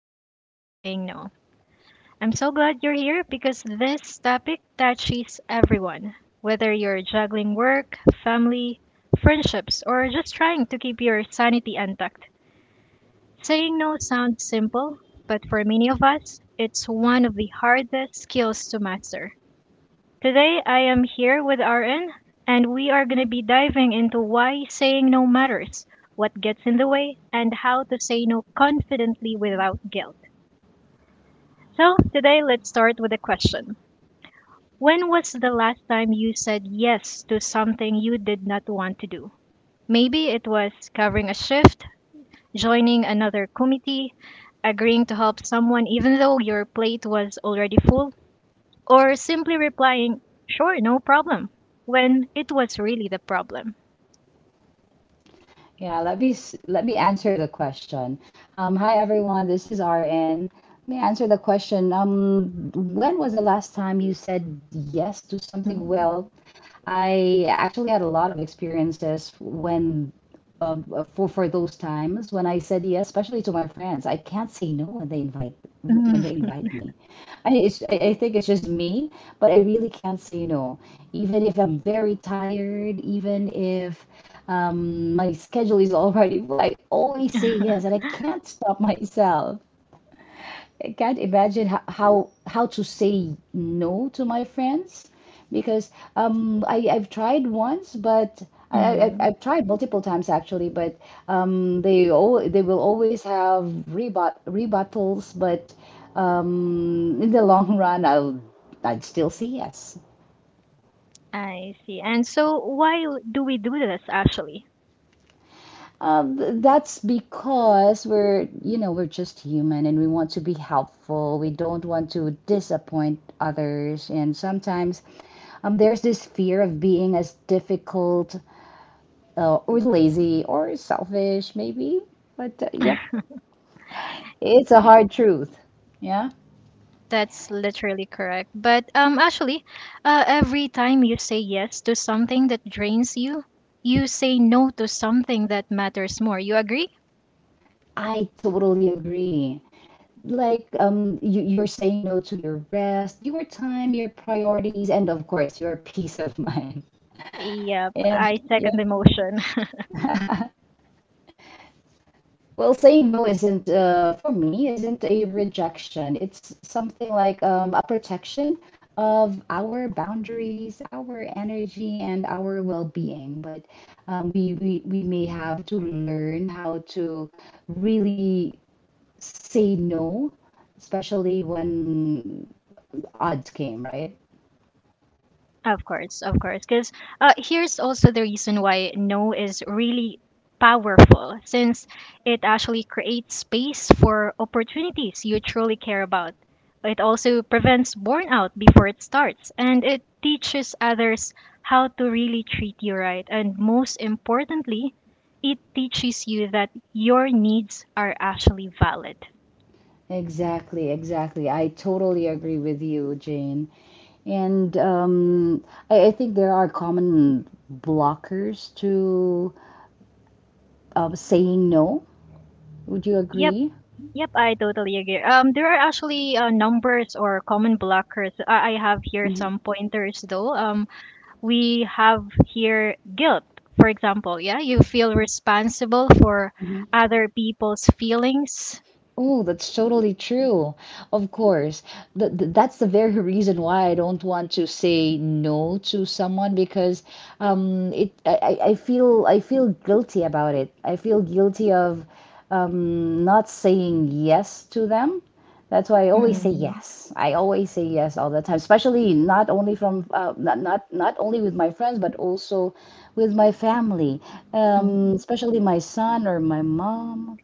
The Art of Saying No. I'm so glad you're here because this topic touches everyone, whether you're juggling work, family, friendships, or just trying to keep your sanity intact. Saying no sounds simple, but for many of us, it's one of the hardest skills to master. Today I am here with RN, and we are going to be diving into why saying no matters, what gets in the way, and how to say no confidently without guilt. So, today let's start with a question. When was the last time you said yes to something you did not want to do? Maybe it was covering a shift, joining another committee, agreeing to help someone even though your plate was already full, or simply replying, sure, no problem, when it was really the problem. Let me answer the question. Hi everyone, this is RN. Let me answer the question. When was the last time you said yes to something Mhm. well I actually had a lot of experiences when for those times when I said yes, especially to my friends. I can't say no when they invite when they Mhm. invite me. I think it's just me, but I really can't say no, even if I'm very tired, even if my schedule is already. I always say yes, and I can't stop myself. I can't imagine how to say no to my friends because I've tried once, but I, I, Mm. I've tried multiple times actually, but they will always have rebuttals, but in the long run, I'd still say yes. I see. And so why do we do this actually? That's because we're just human and we want to be helpful. We don't want to disappoint others. And sometimes there's this fear of being as difficult, or lazy or selfish, maybe. But yep, it's a hard truth. Yeah, That's literally correct. But actually, every time you say yes to something that drains you, you say no to something that matters more. You agree? I totally agree. Like you're saying no to your rest, your time, your priorities, and of course your peace of mind. Yep, And I second yep. the motion. Well, saying no isn't, for me, isn't a rejection. It's something like a protection of our boundaries, our energy, and our well-being. But we may have to learn how to really say no, especially when odds came, right? Of course, of course. Because here's also the reason why no is really powerful, since it actually creates space for opportunities you truly care about. It also prevents burnout before it starts, and it teaches others how to really treat you right. And most importantly, it teaches you that your needs are actually valid. Exactly, exactly. I totally agree with you, Jane. And I think there are common blockers to saying no. Would you Yep, agree? yep, I totally agree. There are actually numbers or common blockers. I have here Hmm. some pointers though. We have here guilt, for example. Yeah, you feel responsible for other people's feelings. Oh, that's totally true. Of course. Th th that's the very reason why I don't want to say no to someone because it I feel guilty about it. I feel guilty of not saying yes to them. That's why I always say Mm-hmm. yes. I always say yes all the time, especially not only from not not not only with my friends but also with my family, especially my son or my mom.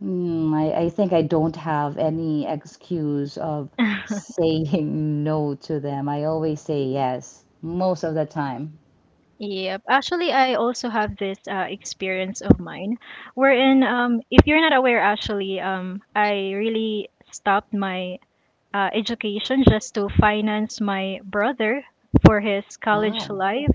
Mm, I think I don't have any excuse of saying no to them. I always say yes most of the time. Yep. Actually, I also have this experience of mine wherein, if you're not aware, actually, I really stopped my education just to finance my brother for his college Wow. life.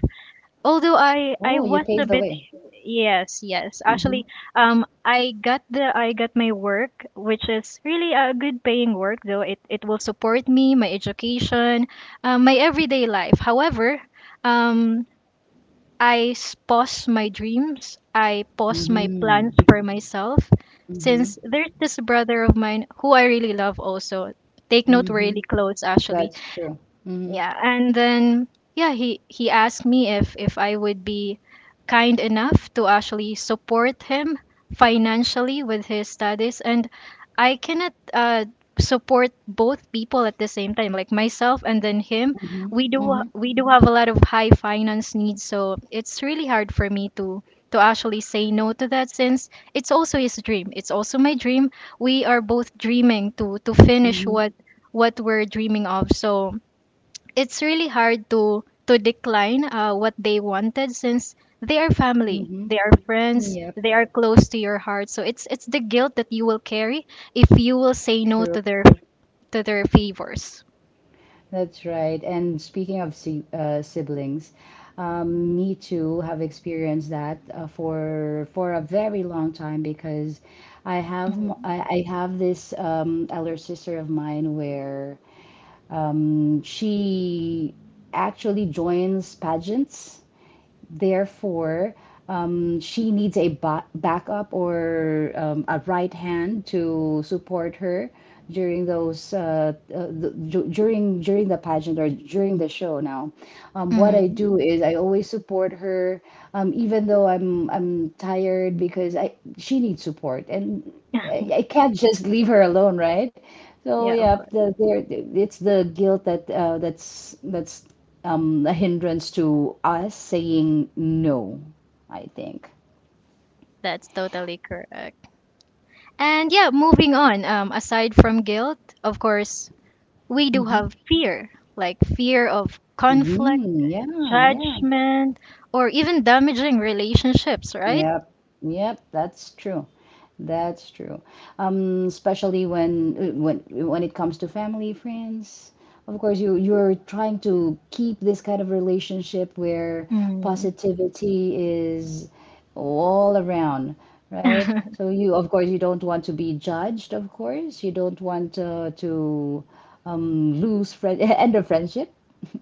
Although I Oh, you was paved a the bit, way. yes, yes, Mm-hmm. actually, I got my work, which is really a good paying work, though it will support me, my education, my everyday life. However, um pause my dreams. I pause my Mm-hmm. plans for myself. Mm-hmm. Since there's this brother of mine who I really love also. Take note, we're Mm-hmm. really close actually. That's true. Mm-hmm. Yeah. And then, yeah, he asked me if I would be kind enough to actually support him financially with his studies, and I cannot support both people at the same time, like myself and then him. Mm-hmm. we do ha- Mm-hmm. we do have a lot of high finance needs, so it's really hard for me to actually say no to that, since it's also his dream, it's also my dream. We are both dreaming to finish Mm-hmm. what we're dreaming of. So it's really hard to decline what they wanted, since they are family, Mm-hmm. they are friends, Yep. they are close to your heart. So it's the guilt that you will carry if you will say no True. to their favors. That's right. And speaking of siblings, me too have experienced that for a very long time because I have this elder sister of mine where she actually joins pageants. Therefore, she needs a backup or a right hand to support her during those the, du- during during the pageant or during the show. Now, what I Mhm. do is I always support her, even though I'm tired because I she needs support and I can't just leave her alone, right? So Yeah, of yeah, course. the, there it's the guilt that that's a hindrance to us saying no, I think. That's totally correct. And yeah, moving on, aside from guilt, of course, we do Mm-hmm. have fear, like fear of conflict, Mm, yeah, yeah. judgment, or even damaging relationships, right? Yep, yep, that's true. That's true. Um, especially when it comes to family, friends. Of course, you're trying to keep this kind of relationship where Mm. positivity is all around, right? So you, of course, you don't want to be judged, of course. You don't want to lose friend end a friendship,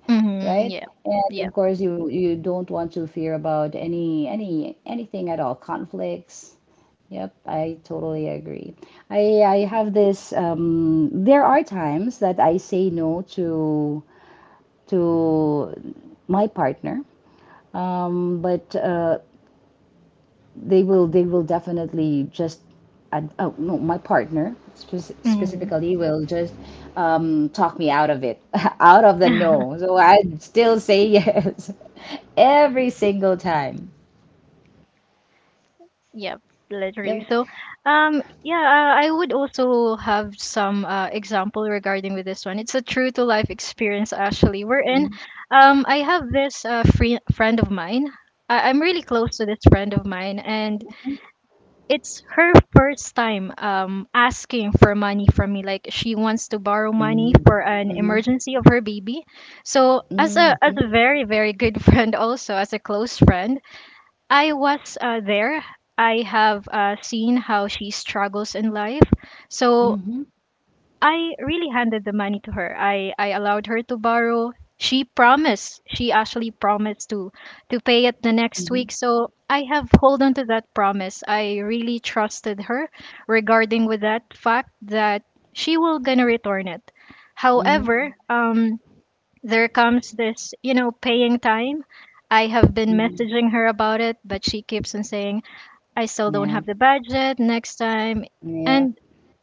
Mhm, right? yep, And yep. of course, you don't want to fear about anything at all, conflicts. Yep, I totally agree. I have this there are times that I say no to to my partner. But they will They will definitely just oh no, my partner Mhm. specifically will just talk me out of it, out of the no. So I still say yes every single time. Yep, literally. Yep. So, yeah, I would also have some example regarding with this one. It's a true to life experience actually. We're in. Mhm. I have this free friend of mine. I'm really close to this friend of mine, and it's her first time asking for money from me. Like, she wants to borrow money Mhm. for an Mhm. emergency of her baby. So as a as Mhm. a very very good friend, also as a close friend. I was there. I have seen how she struggles in life. So Mhm. I really handed the money to her. I allowed her to borrow. She promised. She actually promised to pay it the next Mhm. week. So I have hold on to that promise. I really trusted her regarding with that fact that she will gonna return it. Mhm. However, there comes this, paying time. I have been Mhm. messaging her about it, but she keeps on saying, I still don't Yeah. have the budget next time. Yeah. And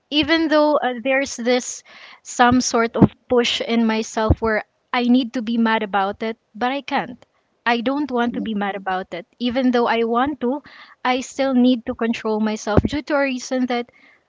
even though there's this some sort of push in myself where I need to be mad about it, but I can't. I don't want to Yep. be mad about it. Even though I want to, I still need to control myself due to a reason that,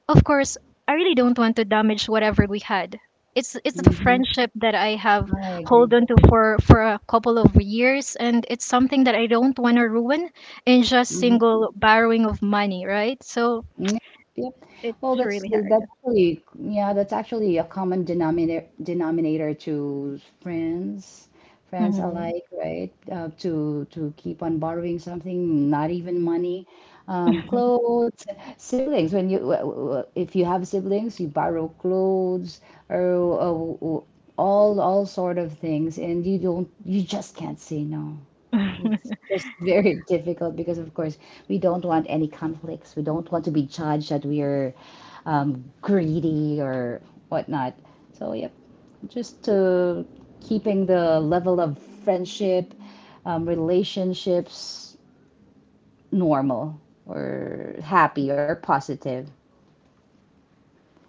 of course, I really don't want to damage whatever we had. It's the Mhm. friendship that I have I agree. hold on to for a couple of years, and it's something that I don't want to ruin in just Mhm. single borrowing of money, right? So Yep. Yep. it's Well, that's really that's hard. actually yeah, that's actually a common denominator to friends, friends Mhm. alike, right? To keep on borrowing something, not even money, clothes, siblings. When you if you have siblings, you borrow clothes or all sort of things, and you just can't say no. It's just very difficult because, of course, we don't want any conflicts. We don't want to be judged that we are greedy or whatnot. So, yep, just keeping the level of friendship, relationships normal or happy or positive.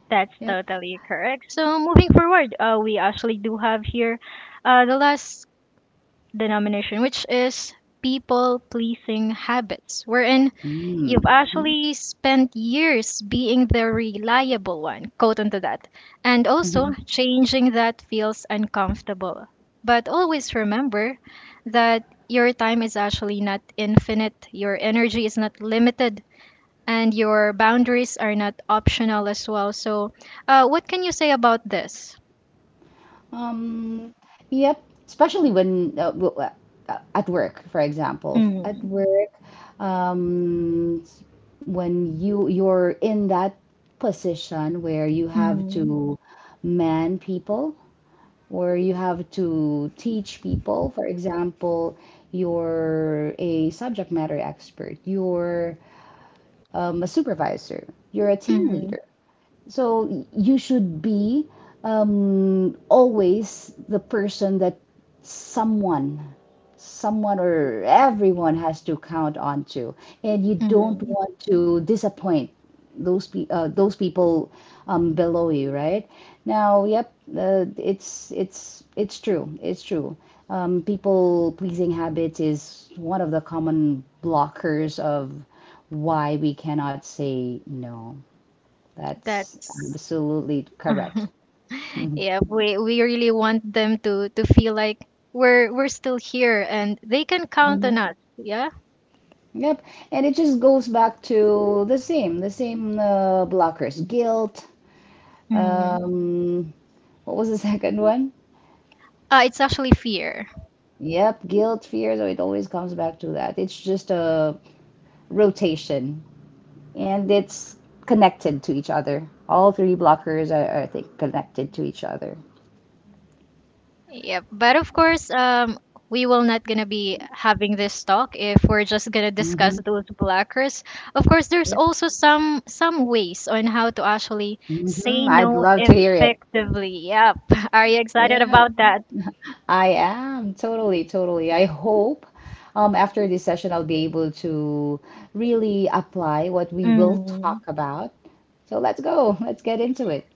That's Yep. totally correct. So moving forward, we actually do have here the last denomination, which is people pleasing habits, wherein you've Mm. actually spent years being the reliable one, quote unto that, and Hmm. also changing that feels uncomfortable. But always remember that your time is actually not infinite, your energy is not limited, and your boundaries are not optional as well. So, what can you say about this? Um, especially at work, for example, at Mm. work, um, s- when you're in that position where you have Mm. to man people or you have to teach people, for example, you're a subject matter expert, you're a supervisor, you're a team Mm. leader. So you should be always the person that someone, someone or everyone has to count on to, and you don't Mm. want to disappoint those people below you, right? Now, yep, it's it's true. It's true. People pleasing habits is one of the common blockers of why we cannot say no. That's That's absolutely correct. Hmm. yeah. We really want them to feel like we're still here and they can count on us. Yeah. Yep. And it just goes back to the same blockers. Guilt. Mm. Um, what was the second one? It's actually fear. Yep, guilt, fear. So it always comes back to that. It's just a rotation, and it's connected to each other. All three blockers are, I think, connected to each other. Yep. But of course, we will not gonna be having this talk if we're just gonna discuss Hmm. those blockers. Of course, there's Yep. also some ways on how to actually Hmm. say I'd no love to hear it. effectively. Yep. Are you excited Yeah, about that? I am totally, totally. I hope after this session I'll be able to really apply what we will Mm. talk about. So let's go. Let's get into it.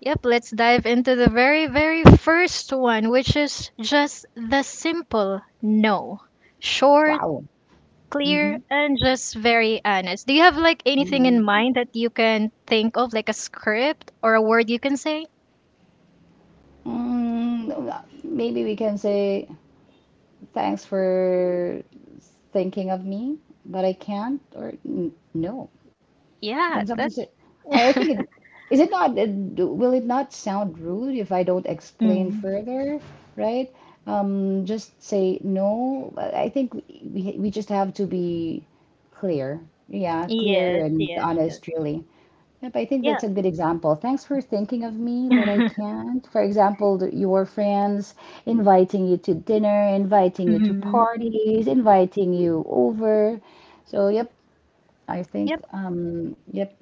Yep. Let's dive into the very very first one, which is just the simple no. Short, Wow. clear, Mm-hmm. and just very honest. Do you have like anything in Mm-hmm. mind that you can think of, like a script or a word you can say? Mm, maybe we can say thanks for thinking of me, but I can't or n no. When Yeah, someone that's. says, I think it is it not, will it not sound rude if I don't explain Mm. further, right? Just say no. I think we just have to be clear. Yeah, clear Yes, and yes, honest, yes. really. Yep, I think that's Yeah. a good example. Thanks for thinking of me, but I can't. For example, your friends inviting you to dinner, inviting you to Hmm. parties, inviting you over. So, yep, I think, yep,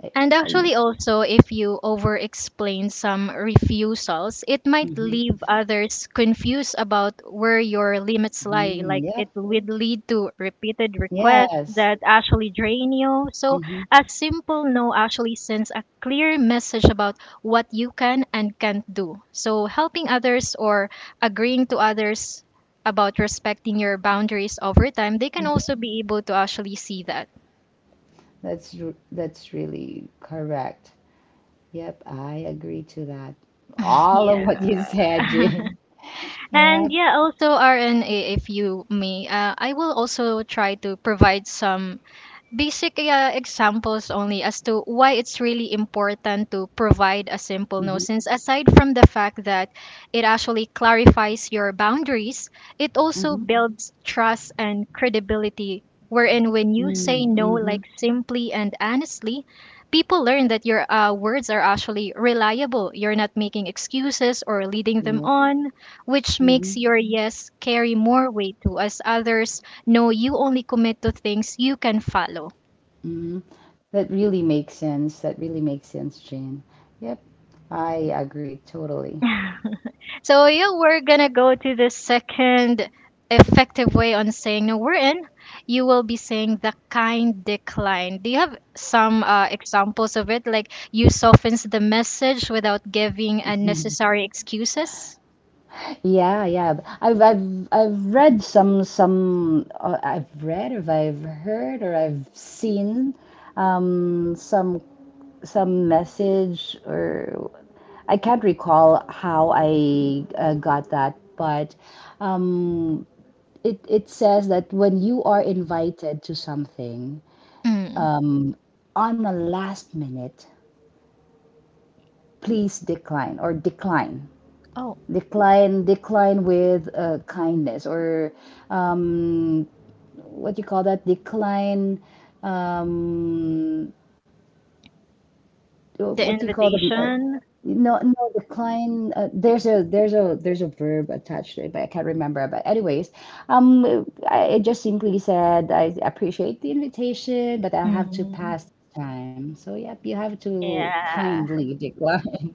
I, And I, actually, also, if you over explain some refusals, it might mhm, leave others confused about where your limits lie. mhm, Like, it yep, would lead to repeated requests yes, that actually drain you. hmm. So, a simple no actually sends a clear message about what you can and can't do. So, helping others or agreeing to others about respecting your boundaries over time, they can also Hmm. be able to actually see that. That's that's really correct. Yep, I agree to that. All of Yeah. what you said, Jane. And Yep. yeah, also, so RNA, if you may, I will also try to provide some basic examples only as to why it's really important to provide a simple no, Hmm. since aside from the fact that it actually clarifies your boundaries, it also Hmm. builds trust and credibility, wherein when you say Mm. no, like Hmm. simply and honestly, people learn that your words are actually reliable. You're not making excuses or leading them Yep. on, which makes Hmm. your yes carry more weight too. As others no, you only commit to things you can follow. Hmm. That really makes sense. That really makes sense, Jane. Yep, I agree totally. So yeah, we're gonna go to the second effective way on saying no. We're in. You will be saying the kind decline. Do you have some examples of it? Like, you softens the message without giving unnecessary excuses. Yeah, yeah. I've read some I've read or I've heard or I've seen um some some message or I can't recall how I, got that, but um it it says that when you are invited to something Mm. um on a last minute, please decline or Oh, decline with kindness or um, what do you call that decline, um, the what do you call them, invitation. no no decline, there's a there's a verb attached to it but I can't remember, but anyways I just simply said I appreciate the invitation but I'll have to Mhm. pass this time. So yep, you have to Yeah. kindly decline.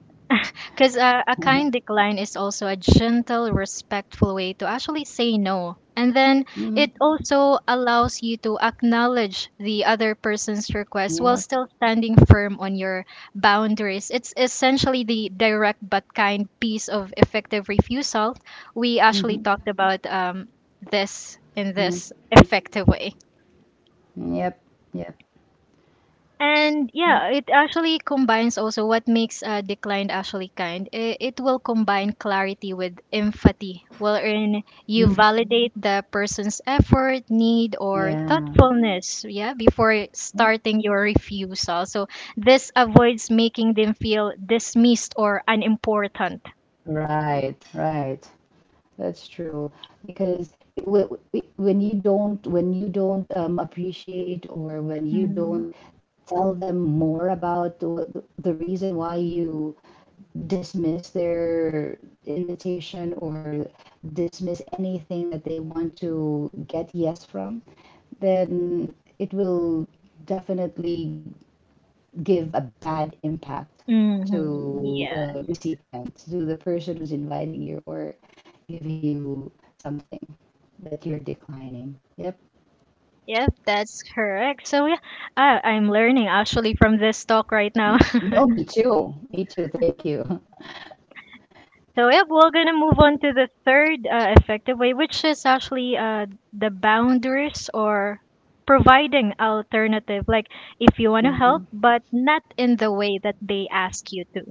Because a kind decline is also a gentle, respectful way to actually say no. And then Hmm. it also allows you to acknowledge the other person's request while Yep. still standing firm on your boundaries. It's essentially the direct but kind piece of effective refusal. We actually Hmm. talked about this in Yep. this effective way. Yep. Yep. And Yep. yeah, it actually combines also what makes declined actually kind. It will combine clarity with empathy, wherein you Mhm. validate the person's effort, need, or Yeah, thoughtfulness, yeah, before yeah, starting your refusal. So this avoids making them feel dismissed or unimportant. right, right. That's true because when you don't, when you don't appreciate or when you Mhm. don't tell them more about the reason why you dismiss their invitation or dismiss anything that they want to get yes from, then it will definitely give a bad impact Mm-hmm. to Yeah. the recipient, to the person who's inviting you or giving you something that you're declining. Yep. Yep, that's correct. So yeah, I'm learning actually from this talk right now. Oh, me too. Me too. Thank you. So yep, we're gonna move on to the third effective way, which is actually the boundaries or providing alternative. Like, if you want to Mhm. help, but not in the way that they ask you to.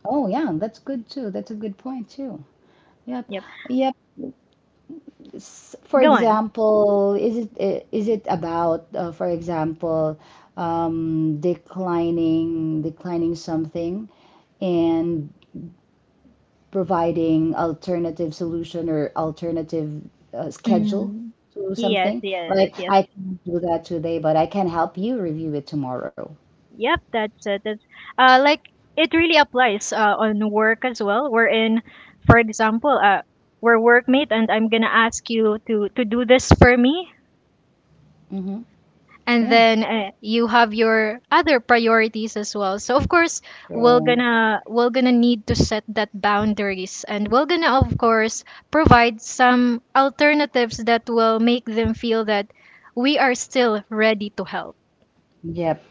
Oh, yeah, that's good too. That's a good point too. Yep. Yep. Yep. For Go on. example, is it about, for example, declining something and providing alternative solution or alternative schedule Mm. to Yes, something. yes, Like yes. I can do that today, but I can help you review it tomorrow. Yep. That's like, it really applies on work as well. We're in, for example, we're workmate, and I'm gonna ask you to do this for me, Mm-hmm. and Yeah. then you have your other priorities as well, so of course we're So, gonna we're gonna need to set that boundaries, and we're gonna, of course, provide some alternatives that will make them feel that we are still ready to help. yep.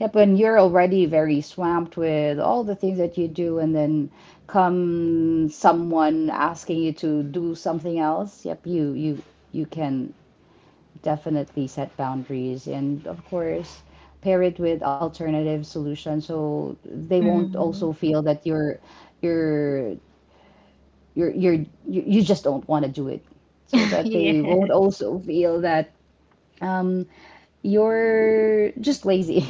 Yep, and you're already very swamped with all the things that you do, and then come someone asking you to do something else. Yep, you can definitely set boundaries and of course pair it with alternative solutions so they won't also Mhm. feel that you're you're you're you you just don't want to do it so that Yeah. they won't also feel that um you're just lazy.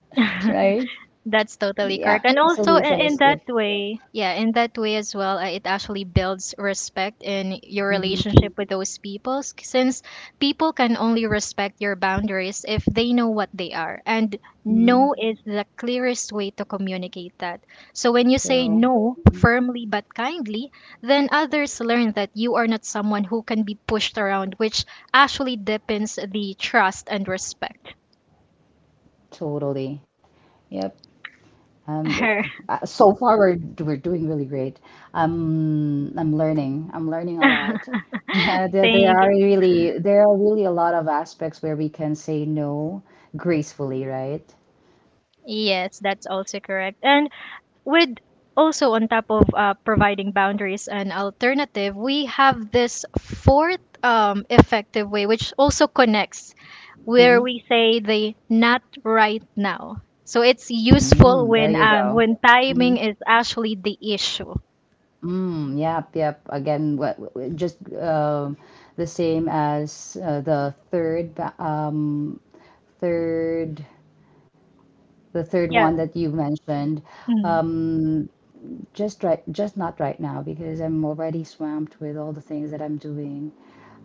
Right. That's totally Yeah, correct. And also solution is in good. that way, yeah, in that way as well, it actually builds respect in your Mm-hmm. relationship with those people since people can only respect your boundaries if they know what they are. And Mm-hmm. no is the clearest way to communicate that. So when you say True. no Mhm. firmly but kindly, then others learn that you are not someone who can be pushed around, which actually deepens the trust and respect. Totally. Yep. Um, it- so far we're doing really great. I'm learning. I'm learning a lot. Yeah, there, there Thank are you. really there are really a lot of aspects where we can say no gracefully, right? Yes, that's also correct. And with also on top of providing boundaries and alternative, we have this fourth effective way, which also connects where Mm-hmm. we say the not right now. So it's useful Mm, there you go. when Mm-hmm. timing is actually the issue. Mm, yep, yep. Again, just the same as the third the third Yeah. one that you mentioned. Mm. Um, just not right now because I'm already swamped with all the things that I'm doing.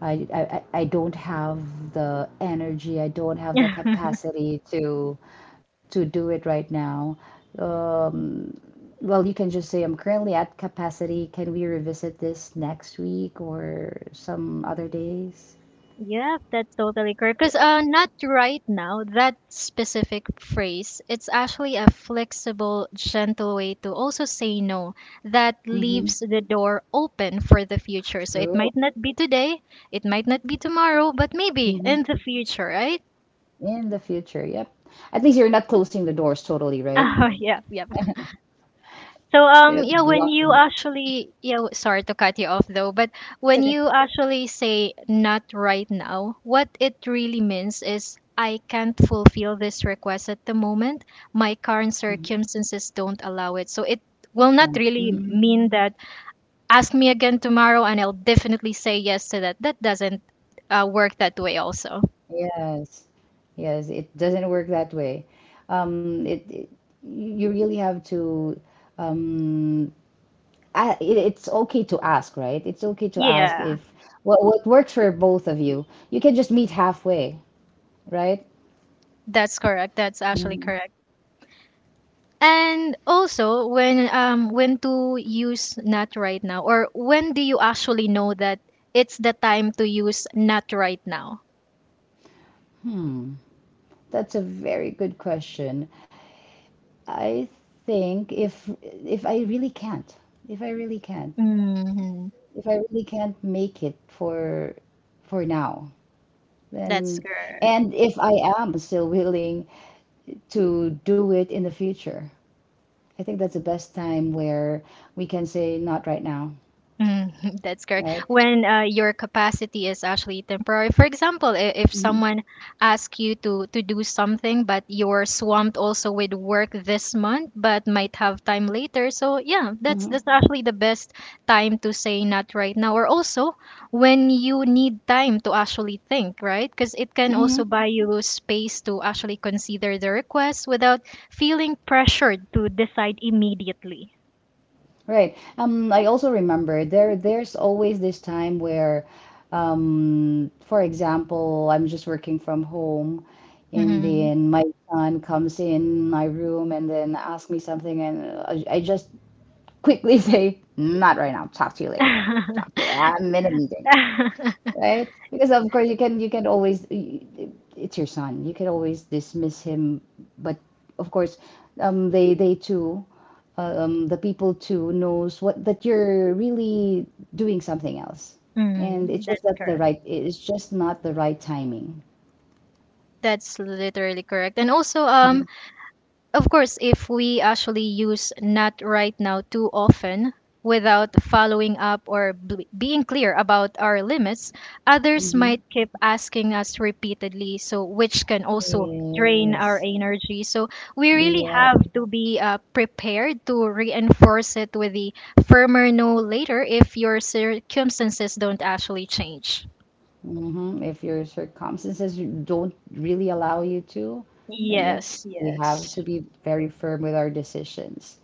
I don't have the energy, I don't have the capacity to do it right now. um well, you can just say I'm currently at capacity. Can we revisit this next week or some other days? Yep, that's totally correct. Because not right now, that specific phrase, it's actually a flexible, gentle way to also say no that Mm-hmm. leaves the door open for the future. So it True. might not be today, it might not be tomorrow, but maybe Hmm. in the future, right? In the future, yep. At least you're not closing the doors totally, right? Oh, yeah, yeah. So You're yeah, not when you blocking it. actually yeah, sorry to cut you off though, but It's when okay. you actually say not right now, what it really means is I can't fulfill this request at the moment. My current Mm-hmm. circumstances don't allow it. So it will not True. really Mm, mean that ask me again tomorrow and I'll definitely say yes to that. That doesn't work that way also. yes, yes, it doesn't work that way. It you really have to. Um, it, it's okay to ask, right? It's okay to ask Yeah, if what what works for both of you. You can just meet halfway, right? that's correct. That's actually Hmm. correct. And also, when to use not right now, or when do you actually know that it's the time to use not right now? Hmm. That's a very good question. I think if if I really can't, if I really can't, Hmm if I really can't make it for now. That's Then, good. and if I am still willing to do it in the future, I think that's the best time where we can say not right now, Mm, that's correct. right? When your capacity is actually temporary. For example, if Hmm. someone asks you to do something, but you're swamped also with work this month, but might have time later. So yeah, that's Hmm. that's actually the best time to say not right now. Or also when you need time to actually think, right? Because it can also Hmm. buy you space to actually consider the request without feeling pressured to decide immediately. Right. I also remember there's always this time where, for example, I'm just working from home, and Hmm then my son comes in my room and then asks me something, and I just quickly say, not right now. Talk to you later. Talk to you. I'm in a meeting. Right? Because of course you can always it's your son. You can always dismiss him, but of course, they too, the people too knows what that you're really doing something else, and Mm, it's just that's not the correct. right. It's just not the right timing. That's literally correct. And also, Mm-hmm. Of course, if we actually use not right now too often without following up or being clear about our limits, others Mm-hmm. might keep asking us repeatedly, so which can also drain our Yes. energy. So we really Yep. have to be prepared to reinforce it with the firmer no later if your circumstances don't actually change. Mm-hmm. If your circumstances don't really allow you to, then yep, Yes, we have yes. to be very firm with our decisions.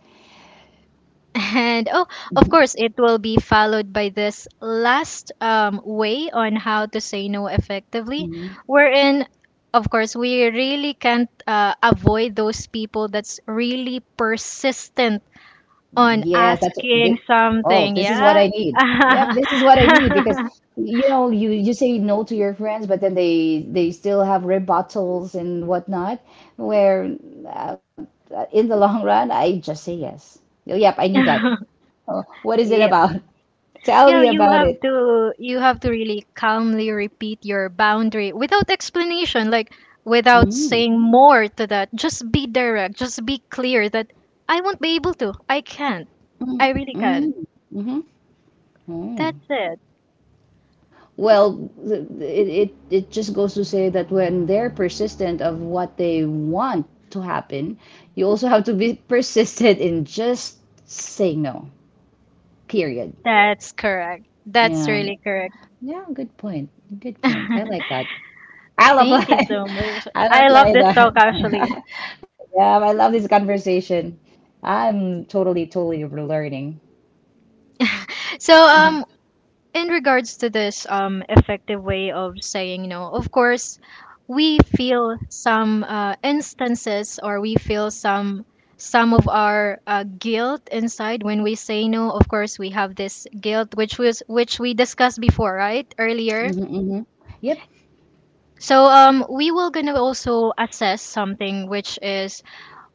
And oh, of course, it will be followed by this last way on how to say no effectively, Hmm. wherein, of course, we really can't avoid those people that's really persistent on Yes, that's this, asking oh, something. this is what Yeah. I need. Yep, this is what I need because you know you say no to your friends, but then they still have rebuttals and whatnot. Where uh, in the long run, I just say yes. Oh, yep, I need that. Oh, what is it Yeah, about? Tell yeah, me about it. You have to really calmly repeat your boundary without explanation, like without Mm, saying more to that. Just be direct, just be clear that I won't be able to. I can't. mm, I really mm, can't. mm-hmm. That's it. Well, it just goes to say that when they're persistent of what they want to happen, you also have to be persistent in just saying no, period. That's correct. That's Yeah. really correct. Yeah, good point. Good Thank point. I like that. I'll apply. you so much. I'll I love apply this talk that. actually. Yeah, I love this conversation. I'm totally, totally learning. So Hmm. In regards to this effective way of saying no, of course, we feel some instances or we feel some of our guilt inside when we say no. Of course, we have this guilt which was which we discussed before, right? Earlier. Hmm. Yep. So we will gonna also assess something which is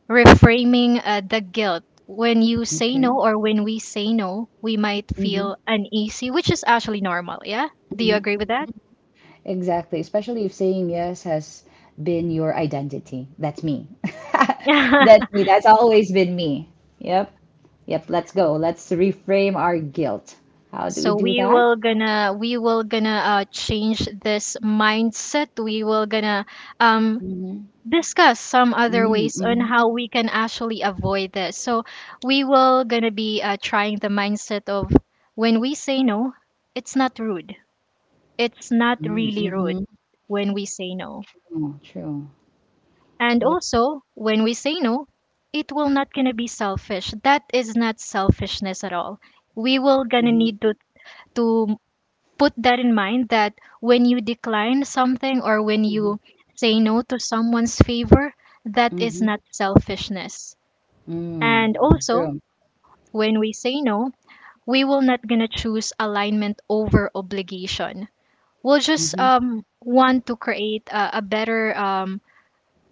reframing the guilt. When you say Okay. no or when we say no, we might Hmm. feel uneasy, which is actually normal. Yeah, do you Hmm. agree with that? Exactly, especially if saying yes has been your identity. That's me. That's me. That's always been me. Yep. Yep. Let's go. Let's reframe our guilt. How do we So do we that? will gonna we will gonna change this mindset we will gonna um Mm-hmm. discuss some other Mm-hmm. ways on Mm. how we can actually avoid this. So we will gonna be trying the mindset of when we say no, it's not rude, it's not really rude Mm-hmm. when we say no. True. True. And Yep. also, when we say no, it will not gonna be selfish, that is not selfishness at all. We will gonna Mm-hmm. need to put that in mind that when you decline something or when Mm-hmm. you say no to someone's favor, that is not selfishness. Mm-hmm. Mm. And also, True. when we say no, we will not gonna choose alignment over obligation. We'll just Mm-hmm. Want to create a better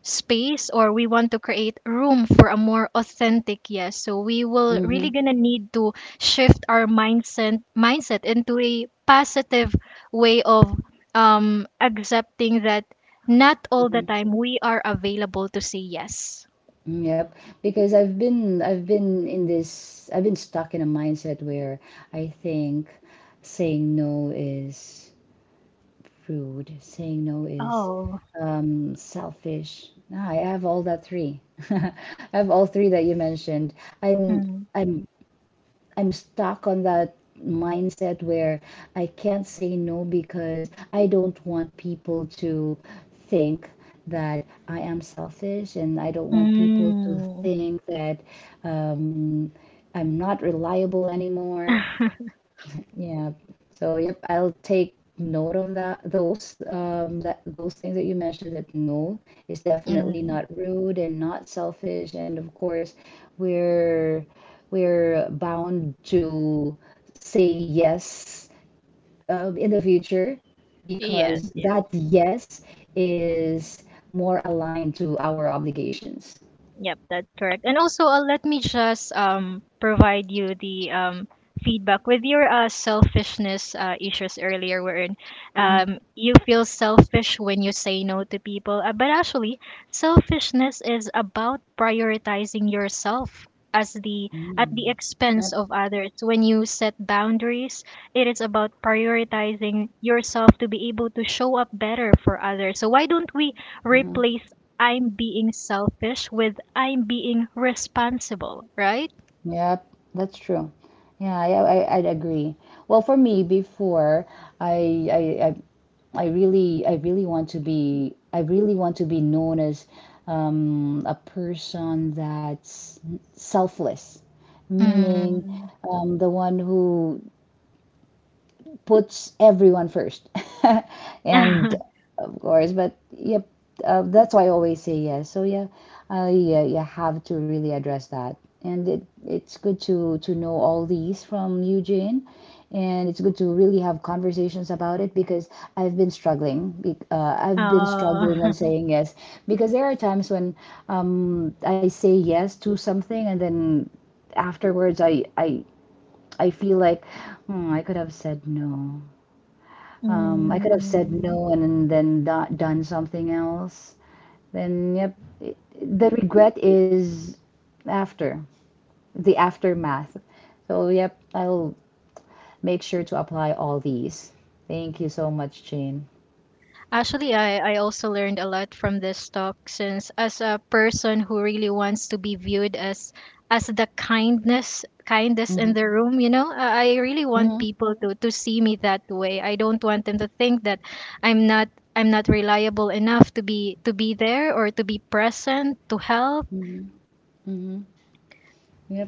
space, or we want to create room for a more authentic yes. So we will Mm-hmm. really gonna need to shift our mindset into a positive way of accepting that not all the Mm-hmm. time we are available to say yes. Mm, yep, because I've been stuck in a mindset where I think saying no is rude, saying no is Oh selfish. No, I have all that three. I have all three that you mentioned. I'm mm. I'm I'm stuck on that mindset where I can't say no because I don't want people to think that I am selfish and I don't want people to Mm. think that um, I'm not reliable anymore. Yeah. So, yep, I'll take note of that. Those that those things that you mentioned that no is definitely Mm. not rude and not selfish. And of course, we're we're bound to say yes in the future Yes, because yes. that yes is more aligned to our obligations. Yep, that's correct. And also, let me just provide you the feedback with your selfishness issues earlier, wherein Mhm. You feel selfish when you say no to people. But actually, selfishness is about prioritizing yourself as the at Mm. the expense of others. When you set boundaries, it is about prioritizing yourself to be able to show up better for others. So why don't we Yep. replace I'm being selfish with I'm being responsible, right? Yep, that's true. Yeah, I'd agree. Well, for me, before I I I really want to be known as a person that's selfless, meaning Mm. The one who puts everyone first. And of course, but yep, that's why I always say yes. So yeah, yeah, you have to really address that. And it, it's good to know all these from Eugene. And it's good to really have conversations about it because I've been struggling. I've been Oh. struggling when saying yes because there are times when I say yes to something and then afterwards I feel like hmm, I could have said no. I could have said Mm. no and then done something else. Then, yep, it, the regret is after, the aftermath. So, yep, I'll make sure to apply all these. Thank you so much, Jane. Actually, I also learned a lot from this talk since as a person who really wants to be viewed as the kindness kindest Mm-hmm. in the room, you know, I really Mm-hmm. want people to see me that way. I don't want them to think that I'm not I'm not reliable enough to be there or to be present to help. Mm-hmm. Mm-hmm. Yep.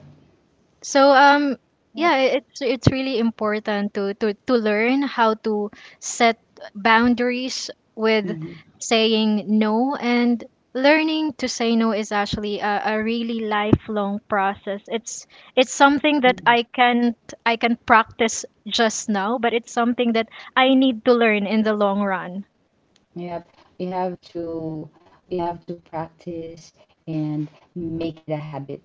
So Yep. yeah, it's really important to to learn how to set boundaries with Mm-hmm. saying no, and learning to say no is actually a really lifelong process. It's something that Mm-hmm. I can't I can practice just now, but it's something that I need to learn in the long run. Yep. We have to we have to practice and make it a habit.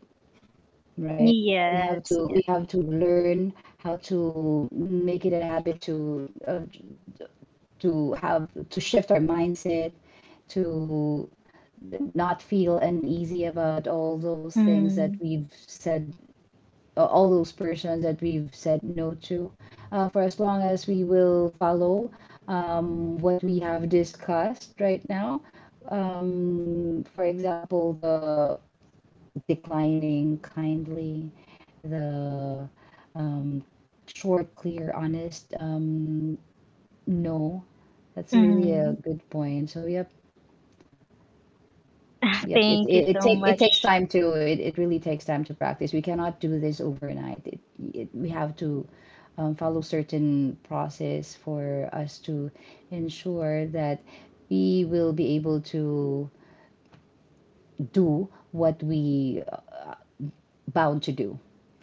Right? Yes, We yes. have to learn how to make it a habit to have to shift our mindset to not feel uneasy about all those things that Mm, we've said, all those persons that we've said no to, for as long as we will follow what we have discussed right now. For example, the declining kindly, the um, short, clear, honest no. That's really a mm. good point. So yep, yep. It Thank you it, it so take it much. takes time to it really takes time to practice. We cannot do this overnight. It we have to follow certain process for us to ensure that we will be able to do what we bound to do.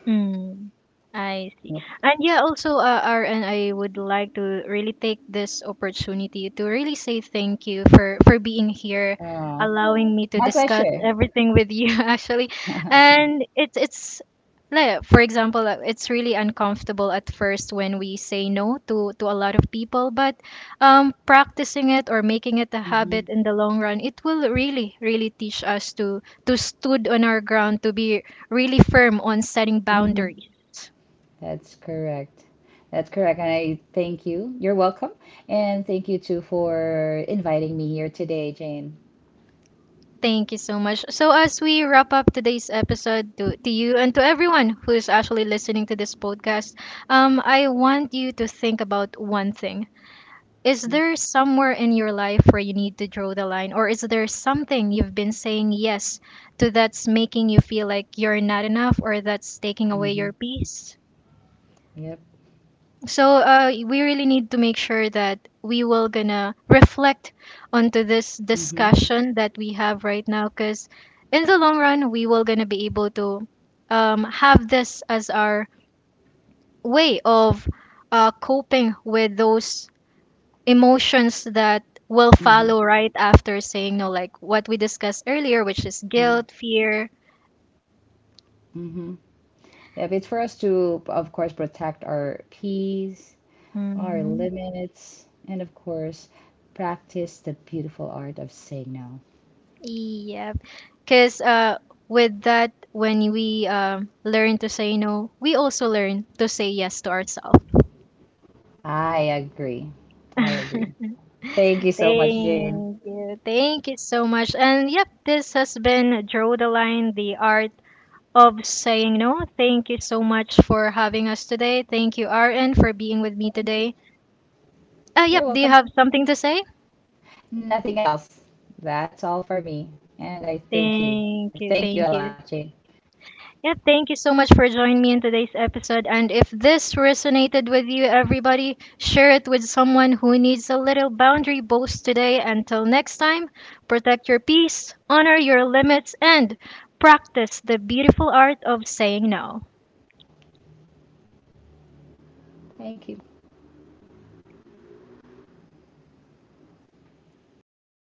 Mm, I see. Yep. And yeah, also, RN, I would like to really take this opportunity to really say thank you for being here, Uh, allowing me to my discuss pleasure. everything with you actually. And it's like for example, it's really uncomfortable at first when we say no to to a lot of people, but practicing it or making it a habit Hmm. in the long run, it will really really teach us to stood on our ground to be really firm on setting Hmm. boundaries. That's correct. That's correct. And I thank you. You're welcome. And thank you too for inviting me here today, Jane. Thank you so much. So as we wrap up today's episode, to you and to everyone who is actually listening to this podcast, I want you to think about one thing. Is there somewhere in your life where you need to draw the line, or is there something you've been saying yes to that's making you feel like you're not enough or that's taking away Mm-hmm. your peace? Yep. So we really need to make sure that we will gonna reflect onto this Mm-hmm. discussion that we have right now, because in the long run, we will gonna be able to have this as our way of coping with those emotions that will Mm-hmm. follow right after saying no, like what we discussed earlier, which is Mm-hmm. guilt, fear. Mm-hmm. Yep. It's for us to, of course, protect our peace, our Mm-hmm. limits, and of course, practice the beautiful art of saying no. Yep. Because with that, when we learn to say no, we also learn to say yes to ourselves. I agree. I agree. Thank you so much, Jane. Thank you. Thank you so much. And yep, this has been Draw the Line, the art of saying no. Thank you so much for having us today. Thank you, RN, for being with me Thank you. today. You're Yep, do you welcome. have something to say? Nothing else. That's all for me. And I thank you. Thank I you, thank you a thank you. lot, Jane. Yeah, thank you so much for joining me in today's episode. And if this resonated with you, everybody, share it with someone who needs a little boundary boost today. Until next time, protect your peace, honor your limits, and practice the beautiful art of saying no. Thank you.